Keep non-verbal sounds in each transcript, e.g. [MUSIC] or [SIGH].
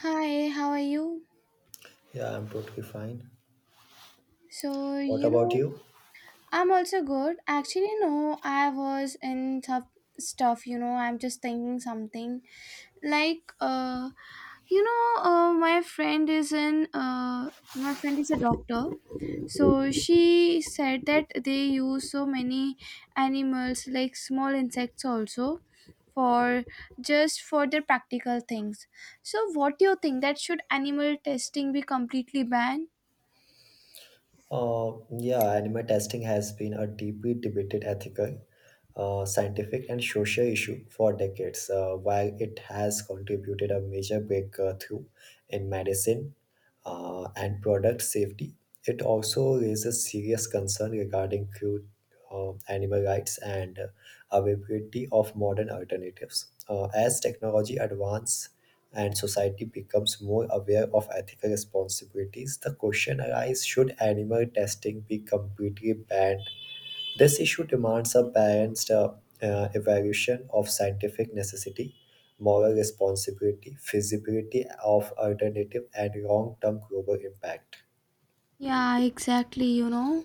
Hi, how are you? Yeah, I'm totally fine. So, What you about know, you? I'm also good. Actually, no, I was in tough stuff. I'm just thinking something. Like, uh, my friend is a doctor. So she said that they use so many animals, like small insects also, for just for their practical things. So what do you think, that should animal testing be completely banned? Uh, yeah, anime testing has been a deeply debated ethical, scientific, and social issue for decades. While it has contributed a major breakthrough in medicine, and product safety. It also raises serious concern regarding crude animal rights and availability of modern alternatives. As technology advances and society becomes more aware of ethical responsibilities, the question arises, should animal testing be completely banned? This issue demands a balanced evaluation of scientific necessity, moral responsibility, feasibility of alternative, and long term global impact. Yeah, exactly, you know.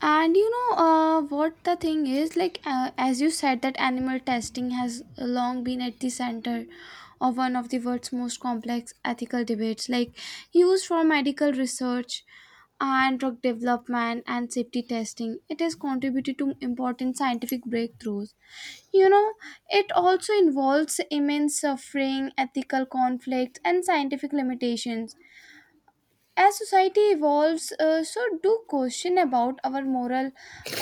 And you know, what the thing is like, as you said, that animal testing has long been at the center of one of the world's most complex ethical debates, like used for medical research and drug development and safety testing. It has contributed to important scientific breakthroughs. You know, it also involves immense suffering, ethical conflicts and scientific limitations. As society evolves, so do question about our moral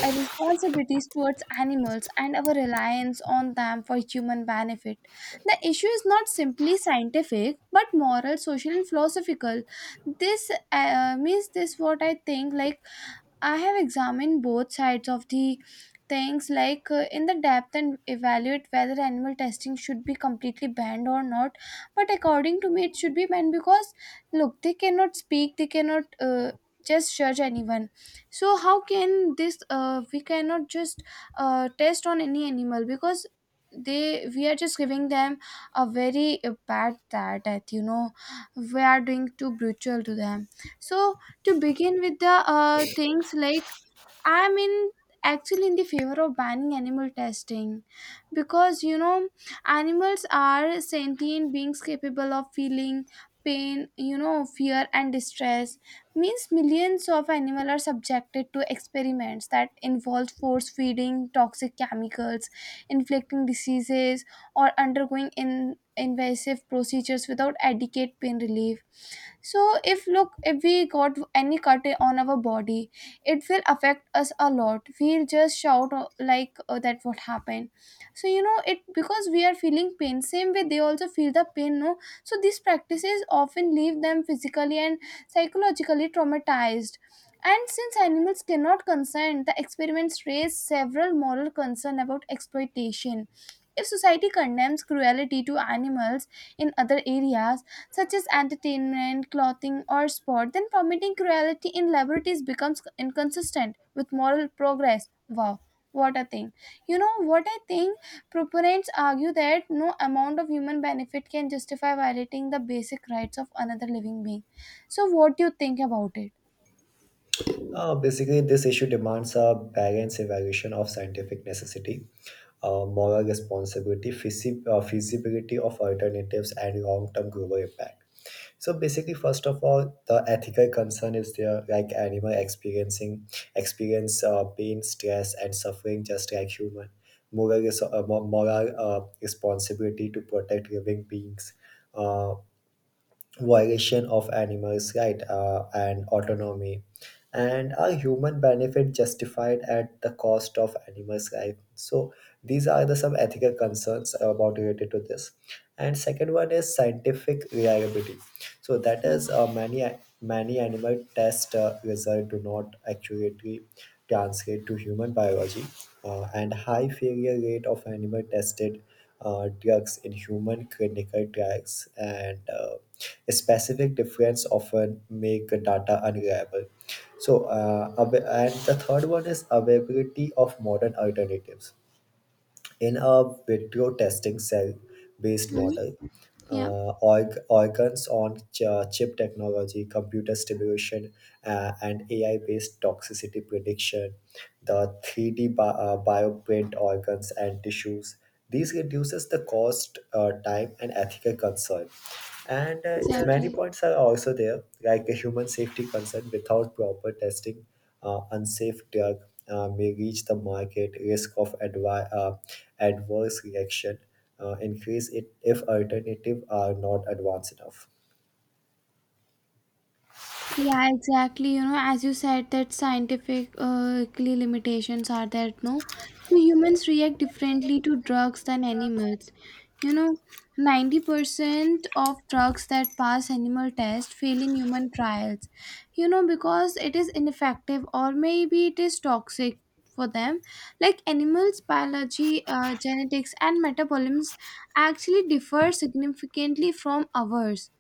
responsibilities towards animals and our reliance on them for human benefit. The issue is not simply scientific, but moral, social, and philosophical. This means this what I think, like I have examined both sides of the things, in the depth, and evaluate whether animal testing should be completely banned or not. But according to me, it should be banned because look, they cannot speak, they cannot just judge anyone. So how can this? We cannot just test on any animal because they we are just giving them a very bad, that you know, we are doing too brutal to them. So to begin with the things, like I'm in actually in the favor of banning animal testing, because you know, animals are sentient beings capable of feeling pain, you know, fear and distress. Means millions of animals are subjected to experiments that involve force feeding toxic chemicals, inflicting diseases, or undergoing in invasive procedures without adequate pain relief. So if, look, if we got any cut on our body, it will affect us a lot, we'll just shout, like, oh, that what happened. So you know, it, because we are feeling pain, same way they also feel the pain, no. So these practices often leave them physically and psychologically traumatized, and since animals cannot consent, the experiments raise several moral concerns about exploitation. If society condemns cruelty to animals in other areas, such as entertainment, clothing, or sport, then permitting cruelty in laboratories becomes inconsistent with moral progress. Wow, what a thing. You know what I think? Proponents argue that no amount of human benefit can justify violating the basic rights of another living being. So, what do you think about it? Basically, this issue demands a balanced evaluation of scientific necessity, moral responsibility, feasibility of alternatives, and long term global impact. So basically, first of all, the ethical concern is there, like animal experiencing experience pain, stress, and suffering just like human. Moral responsibility to protect living beings, uh, violation of animals' right and autonomy, and a human benefit justified at the cost of animals' life. So these are the some ethical concerns about related to this. And second one is scientific reliability. So that Yeah. is many animal test results do not accurately translate to human biology, and high failure rate of animal tested drugs in human clinical trials and a specific difference often make data unreliable. And the third one is availability of modern alternatives. In a vitro testing cell based Mhm. model, Yeah, organs on chip technology, computer stimulation, and AI based toxicity prediction, the 3D bioprint organs and tissues. These reduces the cost, time, and ethical concern. And many exactly. points are also there, like a human safety concern without proper testing unsafe drug may reach the market, risk of adverse reaction increase it if alternative are not advanced enough. Yeah, exactly. You know, as you said, that scientific clear limitations are there. No, so humans react differently to drugs than animals. You know, 90% of drugs that pass animal tests fail in human trials. You know, because it is ineffective, or maybe it is toxic for them. Like, animals' biology, genetics, and metabolisms actually differ significantly from ours.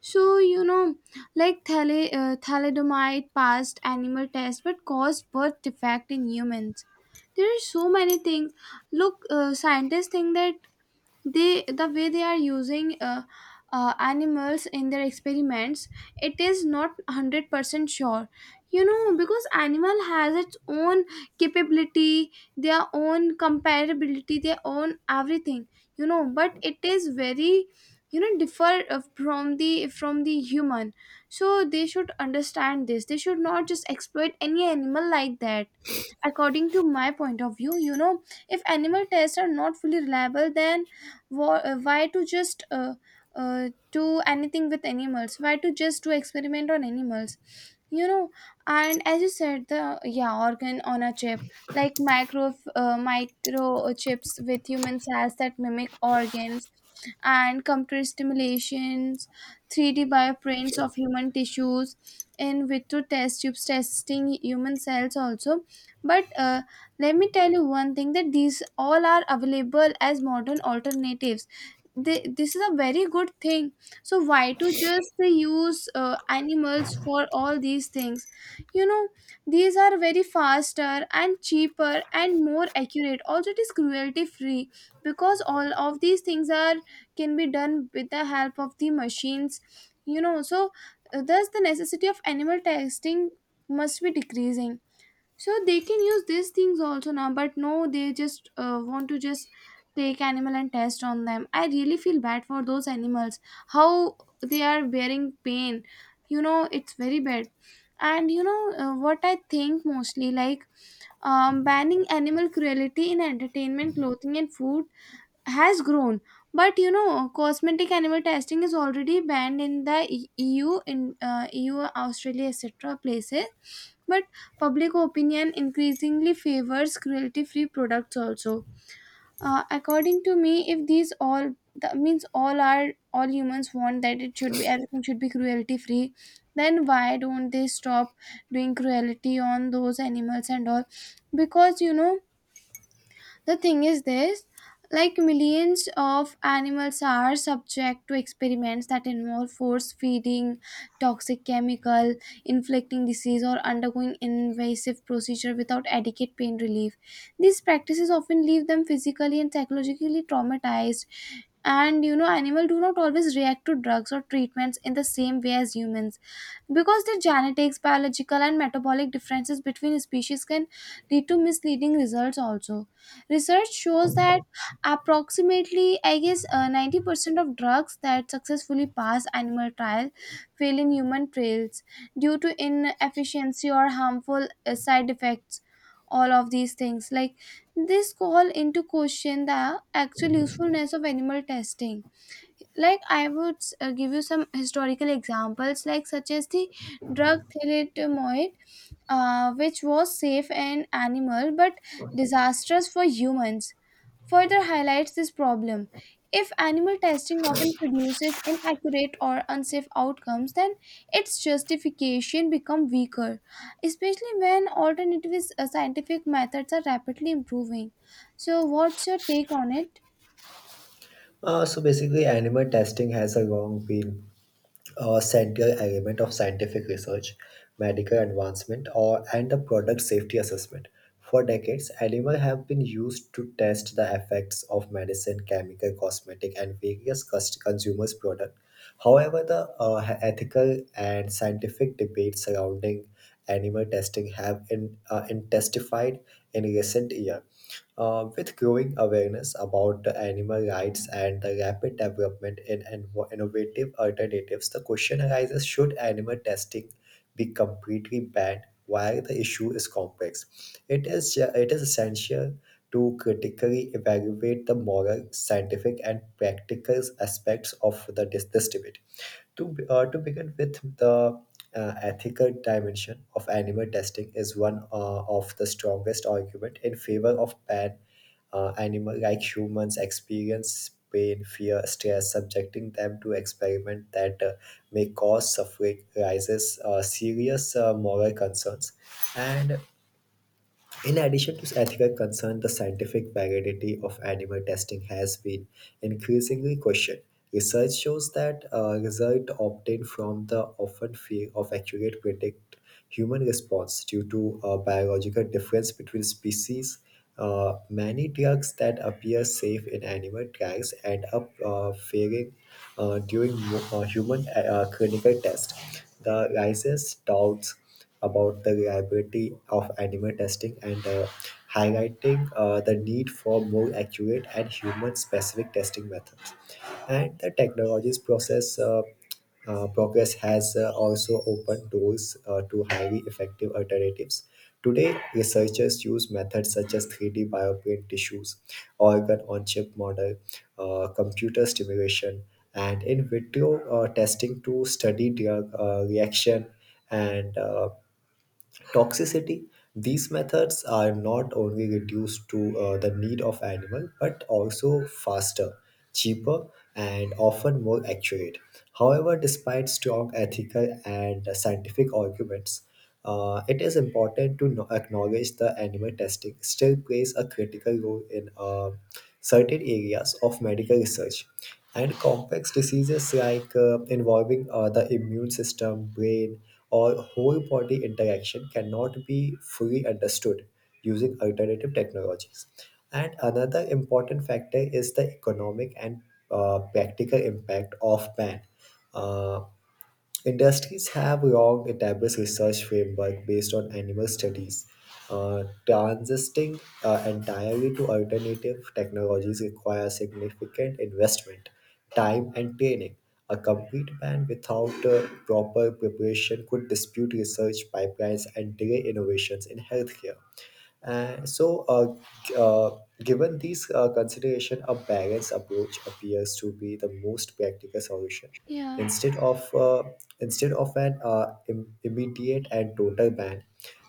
So, you know, like thalidomide passed animal tests but caused birth defect in humans. There are so many things. Look, scientists think that the way they are using animals in their experiments, it is not 100% sure, you know, because animal has its own capability, their own comparability, their own everything, you know. But it is very, you know, differ from the human. So they should understand this, they should not just exploit any animal like that, according to my point of view, you know. If animal tests are not fully reliable, then why to just do anything with animals, why to just do experiment on animals, you know. And as you said, the yeah, organ on a chip, like micro chips with human cells that mimic organs, and computer stimulations, 3D bioprints of human tissues, in vitro test tubes testing human cells also. But let me tell you one thing, that these all are available as modern alternatives. This is a very good thing. So why to just use animals for all these things, you know. These are very faster and cheaper and more accurate, also it is cruelty free, because all of these things are can be done with the help of the machines, you know. So thus the necessity of animal testing must be decreasing. So they can use these things also now, but no, they just want to just take animal and test on them. I really feel bad for those animals, how they are bearing pain, you know, it's very bad. And you know, what I think mostly, like, banning animal cruelty in entertainment, clothing and food has grown. But you know, cosmetic animal testing is already banned in the EU, Australia, etc. places. But public opinion increasingly favors cruelty free products also. Uh, according to me, if these all, that means all our, all humans want that it should be, everything should be cruelty free, then why don't they stop doing cruelty on those animals and all? Because you know, the thing is this, like millions of animals are subject to experiments that involve force feeding toxic chemical, inflicting disease or undergoing invasive procedure without adequate pain relief. These practices often leave them physically and psychologically traumatized. And you know, animals do not always react to drugs or treatments in the same way as humans, because the genetics, biological and metabolic differences between species can lead to misleading results also. Research shows that approximately, I guess, 90% of drugs that successfully pass animal trial fail in human trials due to inefficiency or harmful side effects. All of these things, like, this call into question the actual usefulness of animal testing. Like, I would give you some historical examples, like such as the drug thalidomide, which was safe in animal but disastrous for humans, further highlights this problem. If animal testing often produces inaccurate or unsafe outcomes, then its justification become weaker, especially when alternative scientific methods are rapidly improving. So what's your take on it? So basically, animal testing has a long been central element of scientific research, medical advancement, or and the product safety assessment. For decades, animals have been used to test the effects of medicine, chemical, cosmetic, and various consumers' products. However, the ethical and scientific debates surrounding animal testing have intensified in recent years. With growing awareness about the animal rights and the rapid development in innovative alternatives, the question arises, should animal testing be completely banned? While the issue is complex, it is essential to critically evaluate the moral, scientific, and practical aspects of this debate. To begin with, the ethical dimension of animal testing is one of the strongest argument in favor of ban animal like humans experience pain, fear, stress, subjecting them to experiment that may cause suffering, raises serious moral concerns, and in addition to ethical concern, the scientific validity of animal testing has been increasingly questioned. Research shows that results obtained from the often fear of accurate predict human response due to a biological difference between species. Many drugs that appear safe in animal trials end up failing during human clinical tests, the raises doubts about the reliability of animal testing and highlighting the need for more accurate and human-specific testing methods. And the technologies process progress has also opened doors to highly effective alternatives. Today, researchers use methods such as 3D bioprint tissues, organ on chip model, computer stimulation, and in vitro testing to study drug reaction and toxicity. These methods are not only reduced to the need of animal but also faster, cheaper, and often more accurate. However, despite strong ethical and scientific arguments, it is important to acknowledge the animal testing still plays a critical role in certain areas of medical research, and complex diseases like involving the immune system, brain, or whole body interaction cannot be fully understood using alternative technologies. And another important factor is the economic and practical impact of ban. Uh, Industries have long established research framework based on animal studies, transitioning entirely to alternative technologies requires significant investment, time, and training. A complete ban without proper preparation could dispute research pipelines and delay innovations in healthcare. And so, uh, uh, given these consideration, a balanced approach appears to be the most practical solution. Yeah. Instead of uh, instead of an immediate and total ban,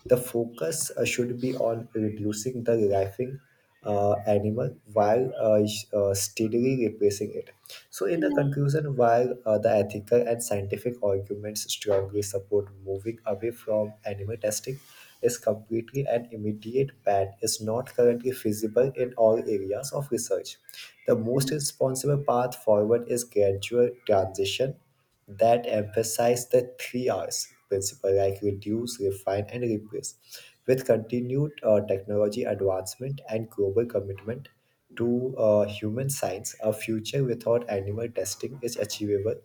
the focus should be on reducing the rifling animal while steadily replacing it. So, in the Yeah. conclusion, while the ethical and scientific arguments strongly support moving away from animal testing, is completely and immediate ban is not currently feasible in all areas of research. The Mhm. most responsible path forward is gradual transition that emphasize the three R's principle like reduce, refine, and replace. With continued technology advancement and global commitment to human science, a future without animal testing is achievable.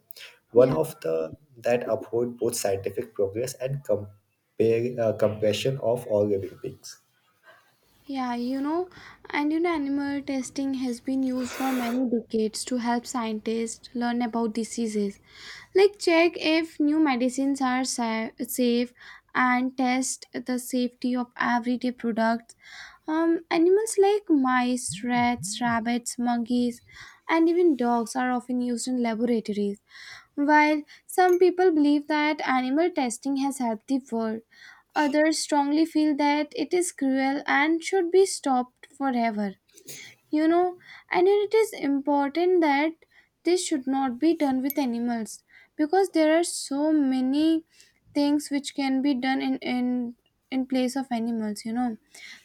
One Yeah. of the that uphold both scientific progress and compare, compression of all living beings. Yeah, you know, and you know, animal testing has been used for many decades to help scientists learn about diseases. Like, check if new medicines are safe, and test the safety of everyday products. Animals like mice, rats, rabbits, monkeys, and even dogs are often used in laboratories. While some people believe that animal testing has helped the world, others strongly feel that it is cruel and should be stopped forever, you know. And it is important that this should not be done with animals, because there are so many things which can be done in place of animals, you know.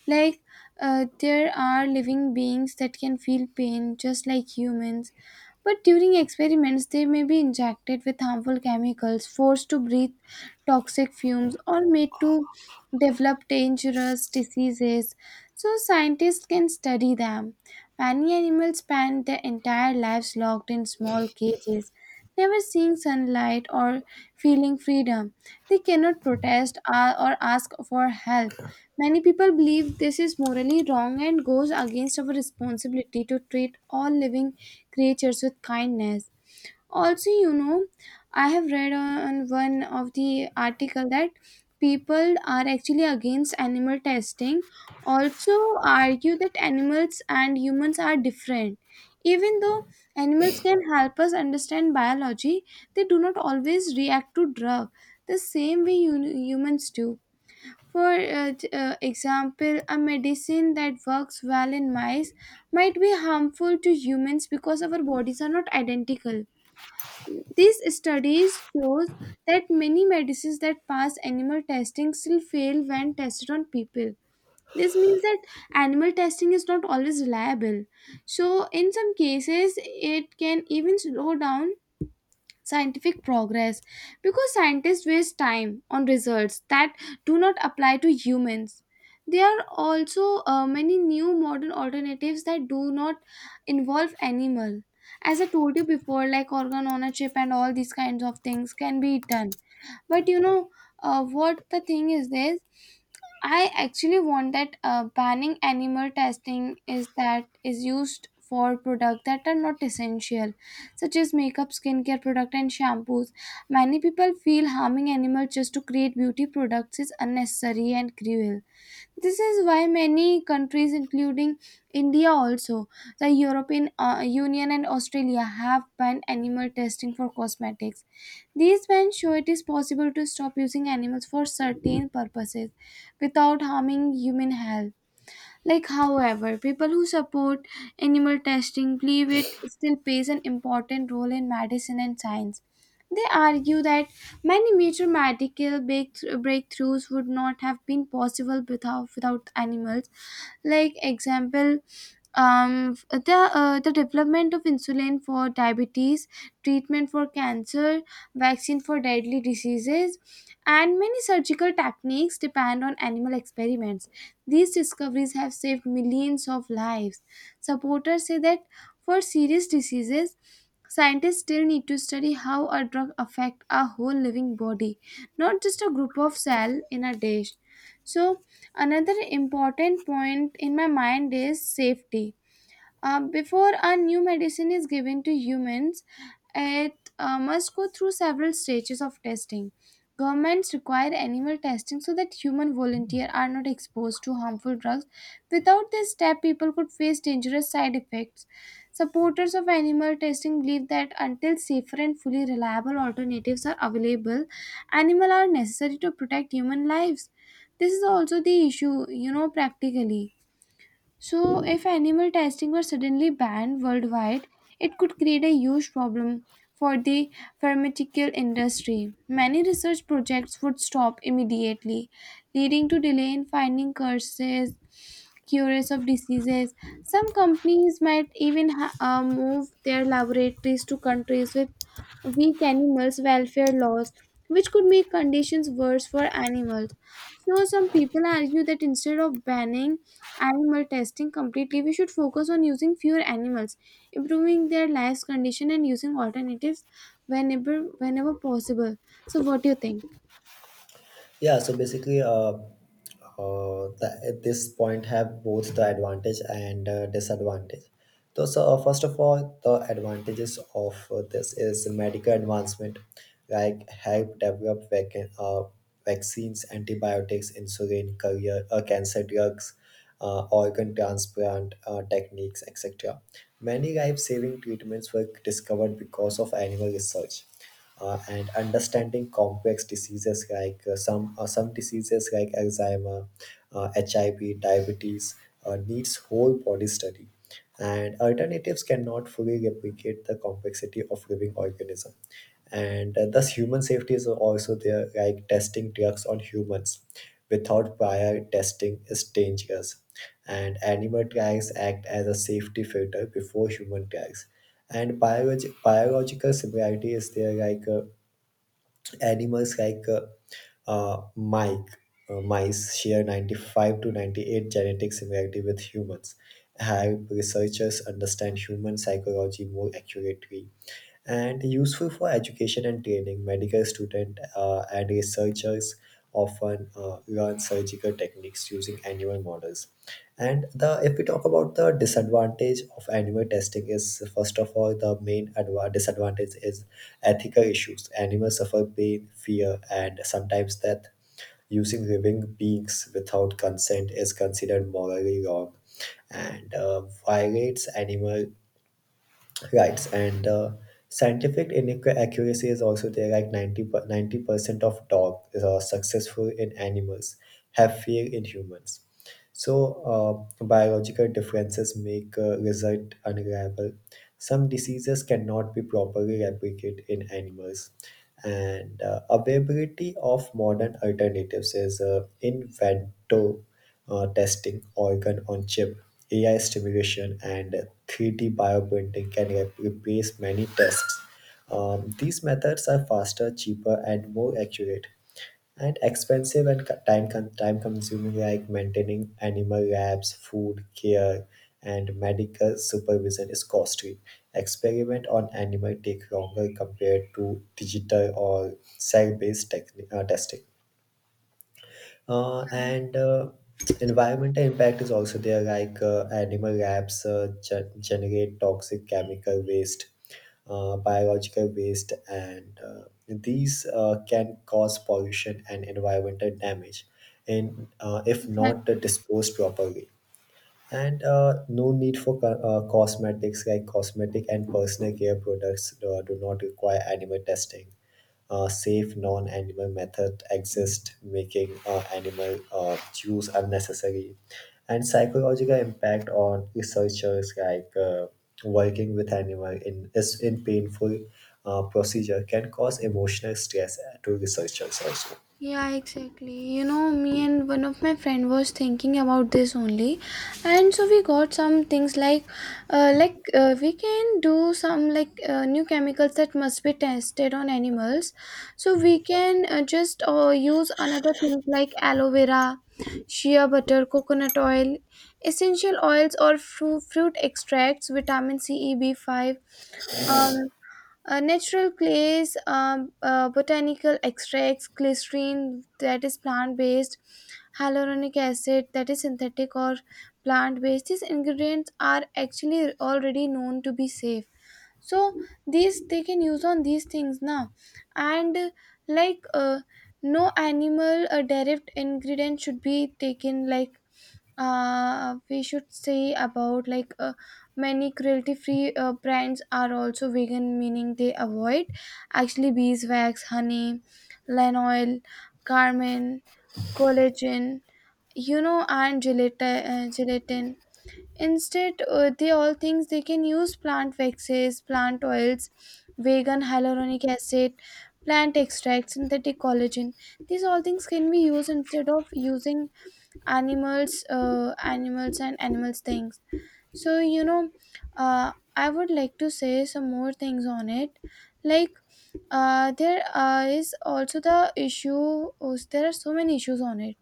Like, there are living beings that can feel pain just like humans, but during experiments they may be injected with harmful chemicals, forced to breathe toxic fumes, or made to develop dangerous diseases so scientists can study them. Many animals spend their entire lives locked in small cages, never seeing sunlight or feeling freedom. They cannot protest or ask for help. Many people believe this is morally wrong and goes against our responsibility to treat all living creatures with kindness. Also you know, I have read on one of the article that people are actually against animal testing, also argue that animals and humans are different. Even though animals can help us understand biology, they do not always react to drug the same way humans do. For example, a medicine that works well in mice might be harmful to humans because our bodies are not identical. These studies shows that many medicines that pass animal testing still fail when tested on people. This means that animal testing is not always reliable. So in some cases it can even slow down scientific progress, because scientists waste time on results that do not apply to humans. There are also many new modern alternatives that do not involve animal. As I told you before, like organ on a chip and all these kinds of things can be done. But you know, what the thing is this, I actually want that, banning animal testing is that is used for products that are not essential, such as makeup, skincare product, and shampoos. Many people feel harming animals just to create beauty products is unnecessary and cruel. This is why many countries, including India, also the European Union and Australia, have banned animal testing for cosmetics. These bans show it is possible to stop using animals for certain purposes without harming human health. Like, however, people who support animal testing believe it still plays an important role in medicine and science. They argue that many major medical breakthroughs would not have been possible without animals like example the development of insulin for diabetes, treatment for cancer, vaccine for deadly diseases, and many surgical techniques depend on animal experiments. These discoveries have saved millions of lives. Supporters say that for serious diseases, scientists still need to study how a drug affects a whole living body, not just a group of cell in a dish. so Another important point in my mind is safety. Before a new medicine is given to humans, it must go through several stages of testing. Governments require animal testing so that human volunteers are not exposed to harmful drugs. Without this step, people could face dangerous side effects. Supporters of animal testing believe that until safer and fully reliable alternatives are available, animals are necessary to protect human lives. This is also the issue, practically. So, if animal testing were suddenly banned worldwide, it could create a huge problem for the pharmaceutical industry. Many research projects would stop immediately, leading to delay in finding causes, cures of diseases. Some companies might even move their laboratories to countries with weak animals' welfare laws, which could make conditions worse for animals. So, some people argue that instead of banning animal testing completely, we should focus on using fewer animals, improving their lives condition, and using alternatives whenever possible. So, what do you think? Yeah, so basically, at this point have both the advantage and disadvantage. So first of all, the advantages of this is medical advancement, like help develop uh, vaccines, antibiotics, insulin, career, cancer drugs, organ transplant techniques, etc. Many life-saving treatments were discovered because of animal research and understanding complex diseases like some diseases like Alzheimer, HIV, diabetes needs whole body study, and alternatives cannot fully replicate the complexity of living organism. And thus, human safety is also there, like testing drugs on humans without prior testing is dangerous. And animal trials act as a safety filter before human trials and biological similarity is there like Animals like uh, Mike, mice share 95 to 98 genetic similarity with humans, help researchers understand human psychology more accurately and useful for education and training. Medical students and researchers often learn surgical techniques using animal models. And the if we talk about the disadvantage of animal testing is first of all the main disadvantage is ethical issues. Animals suffer pain, fear, and sometimes death. Using living beings without consent is considered morally wrong and violates animal Right, and scientific inaccuracy accuracy is also there. Like 90% of dogs are successful in animals have fear in humans. So, biological differences make result unreliable. Some diseases cannot be properly replicated in animals, and availability of modern alternatives is in vitro testing, organ on chip, AI stimulation, and 3D bioprinting can replace many tests. These methods are faster, cheaper, and more accurate and expensive and time consuming like maintaining animal labs food care and medical supervision is costly experiment on animal take longer compared to digital or cell based testing and environmental impact is also there, like animal labs generate toxic chemical waste, biological waste, and these can cause pollution and environmental damage, and if not Exactly. Disposed properly and no need for cosmetics like cosmetic and personal care products do not require animal testing. Safe non-animal method exist making animal use unnecessary and psychological impact on researchers like working with animal in is in painful procedure can cause emotional stress to researchers also. Yeah, exactly. You know, me and one of my friend was thinking about this only, and so we got some things like, we can do some new chemicals that must be tested on animals. So we can just use another things like aloe vera, shea butter, coconut oil, essential oils or fruit extracts, vitamin C, E, B5. um. Natural clays, botanical extracts, glycerin that is plant based, hyaluronic acid that is synthetic or plant based. These ingredients are actually already known to be safe. So these they can use on these things now, and like uh, no animal derived ingredient should be taken like we should say about many cruelty free brands are also vegan, meaning they avoid actually beeswax, honey, lanolin, carmine, collagen, you know, and gelatin. Instead they all things they can use plant waxes, plant oils, vegan hyaluronic acid, plant extracts, synthetic collagen. These all things can be used instead of using animals, animals and animals things. So you know, I would like to say some more things on it, like, there is also the issue, there are so many issues on it,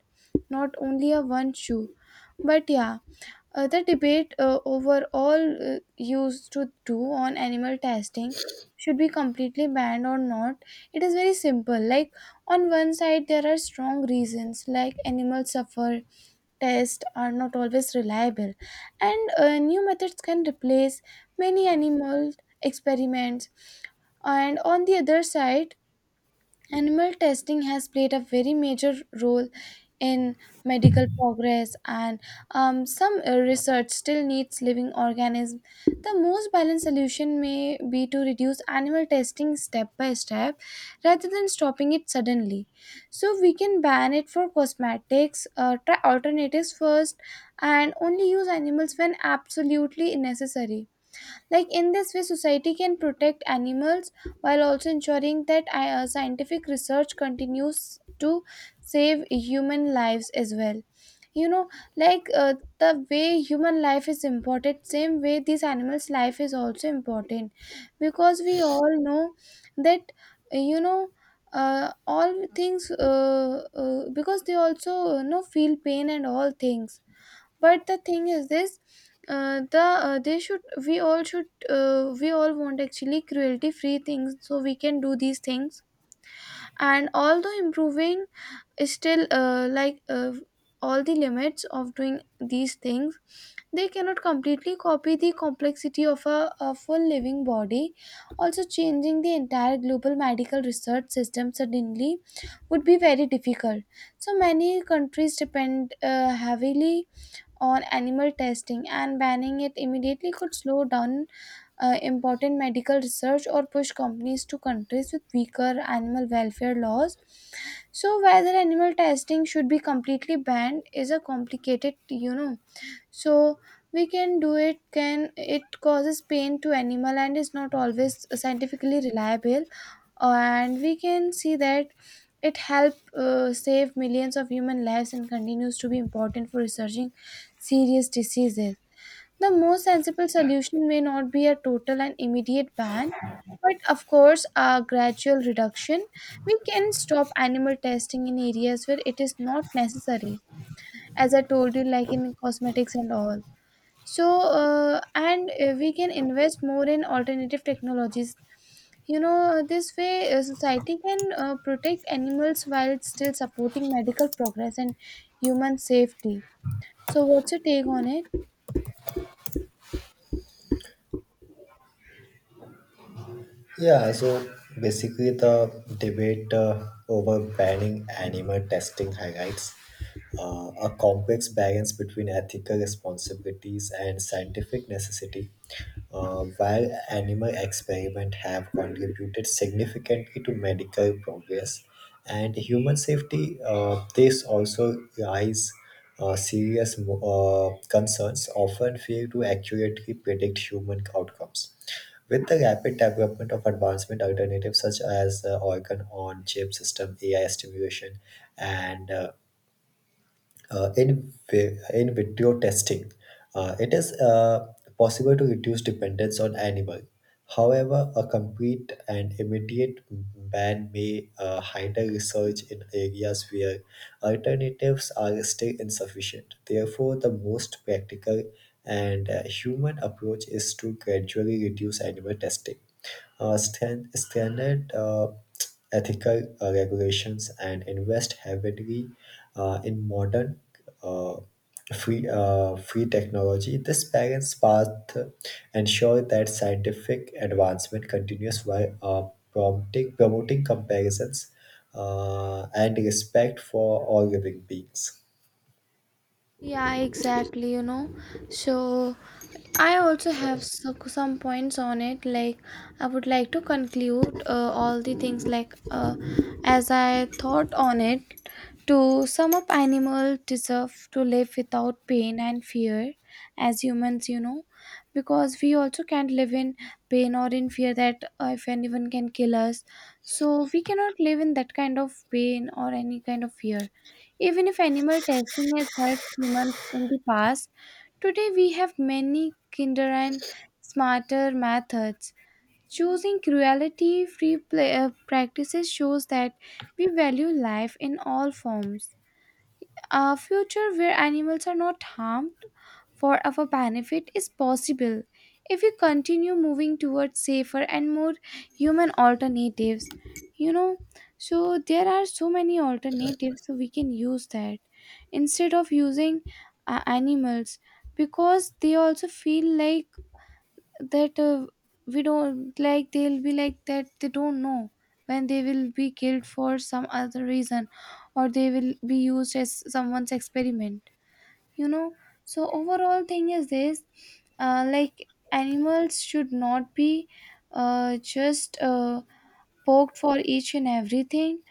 not only a one shoe, but yeah, the debate over all used to do on animal testing should be completely banned or not. It is very simple, like, on one side there are strong reasons like animals suffer, tests are not always reliable, and new methods can replace many animal experiments. And on the other side, animal testing has played a very major role in medical progress, and some research still needs living organisms. The most balanced solution may be to reduce animal testing step by step rather than stopping it suddenly. So, we can ban it for cosmetics, try alternatives first, and only use animals when absolutely necessary. Like, in this way, society can protect animals while also ensuring that scientific research continues to save human lives as well. You know, the way human life is important, same way these animals' life is also important, because we all know that uh, you know all things because they also you know feel pain and all things, but the thing is this, they should, we all should, we all want actually cruelty free things, so we can do these things. And although improving is still all the limits of doing these things, they cannot completely copy the complexity of a full living body. Also, changing the entire global medical research system suddenly would be very difficult. So many countries depend heavily on animal testing, and banning it immediately could slow down important medical research or push companies to countries with weaker animal welfare laws. So, whether animal testing should be completely banned is a complicated, you know. So, we can do it, can it causes pain to animal and is not always scientifically reliable, and we can see that it helped save millions of human lives and continues to be important for researching serious diseases. The most sensible solution may not be a total and immediate ban, but of course, a gradual reduction. We can stop animal testing in areas where it is not necessary, as I told you, like in cosmetics and all. So and we can invest more in alternative technologies. You know, this way society can protect animals while still supporting medical progress and human safety. So what's your take on it? Yeah, so basically the debate over banning animal testing highlights a complex balance between ethical responsibilities and scientific necessity. While animal experiments have contributed significantly to medical progress and human safety, this also raise serious concerns often fail to accurately predict human outcomes. With the rapid development of advancement alternatives such as organ-on-chip system, AI stimulation, and in vitro testing, it is possible to reduce dependence on animal. However, a complete and immediate ban may hinder research in areas where alternatives are still insufficient. Therefore, the most practical and human approach is to gradually reduce animal testing standard [TSK] ethical regulations and invest heavily in modern uh, free technology. This balanced path ensure that scientific advancement continues while prompting promoting comparisons and respect for all living beings. Yeah, exactly, you know. So I also have some points on it. Like, I would like to conclude all the things, like, as I thought on it. To sum up, animals deserve to live without pain and fear as humans, you know, because we also can't live in pain or in fear that if anyone can kill us. So, we cannot live in that kind of pain or any kind of fear. Even if animal testing has helped humans in the past, today we have many kinder and smarter methods. Choosing cruelty free practices shows that we value life in all forms. A future where animals are not harmed for our benefit is possible if we continue moving towards safer and more human alternatives. You know, so there are so many alternatives, so we can use that instead of using animals, because they also feel like that we don't like, they'll be like that, they don't know when they will be killed for some other reason, or they will be used as someone's experiment, you know. So overall thing is this, like animals should not be just poked for each and everything.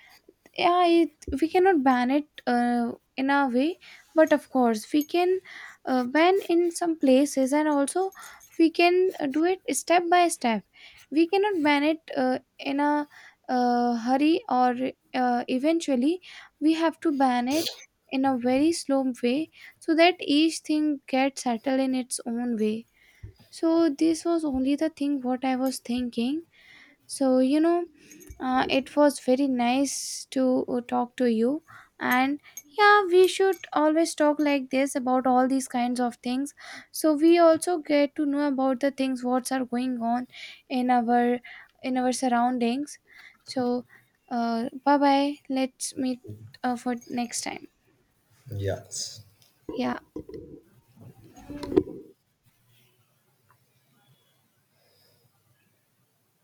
Yeah, it, we cannot ban it in a way, but of course we can ban in some places, and also we can do it step by step. We cannot ban it in a hurry, or eventually we have to ban it in a very slow way, so that each thing gets settled in its own way. So this was only the thing what I was thinking. So, you know, it was very nice to talk to you. And yeah, we should always talk like this about all these kinds of things. So we also get to know about the things what's are going on in our, in our surroundings. So, bye bye. Let's meet for next time. Yes. Yeah.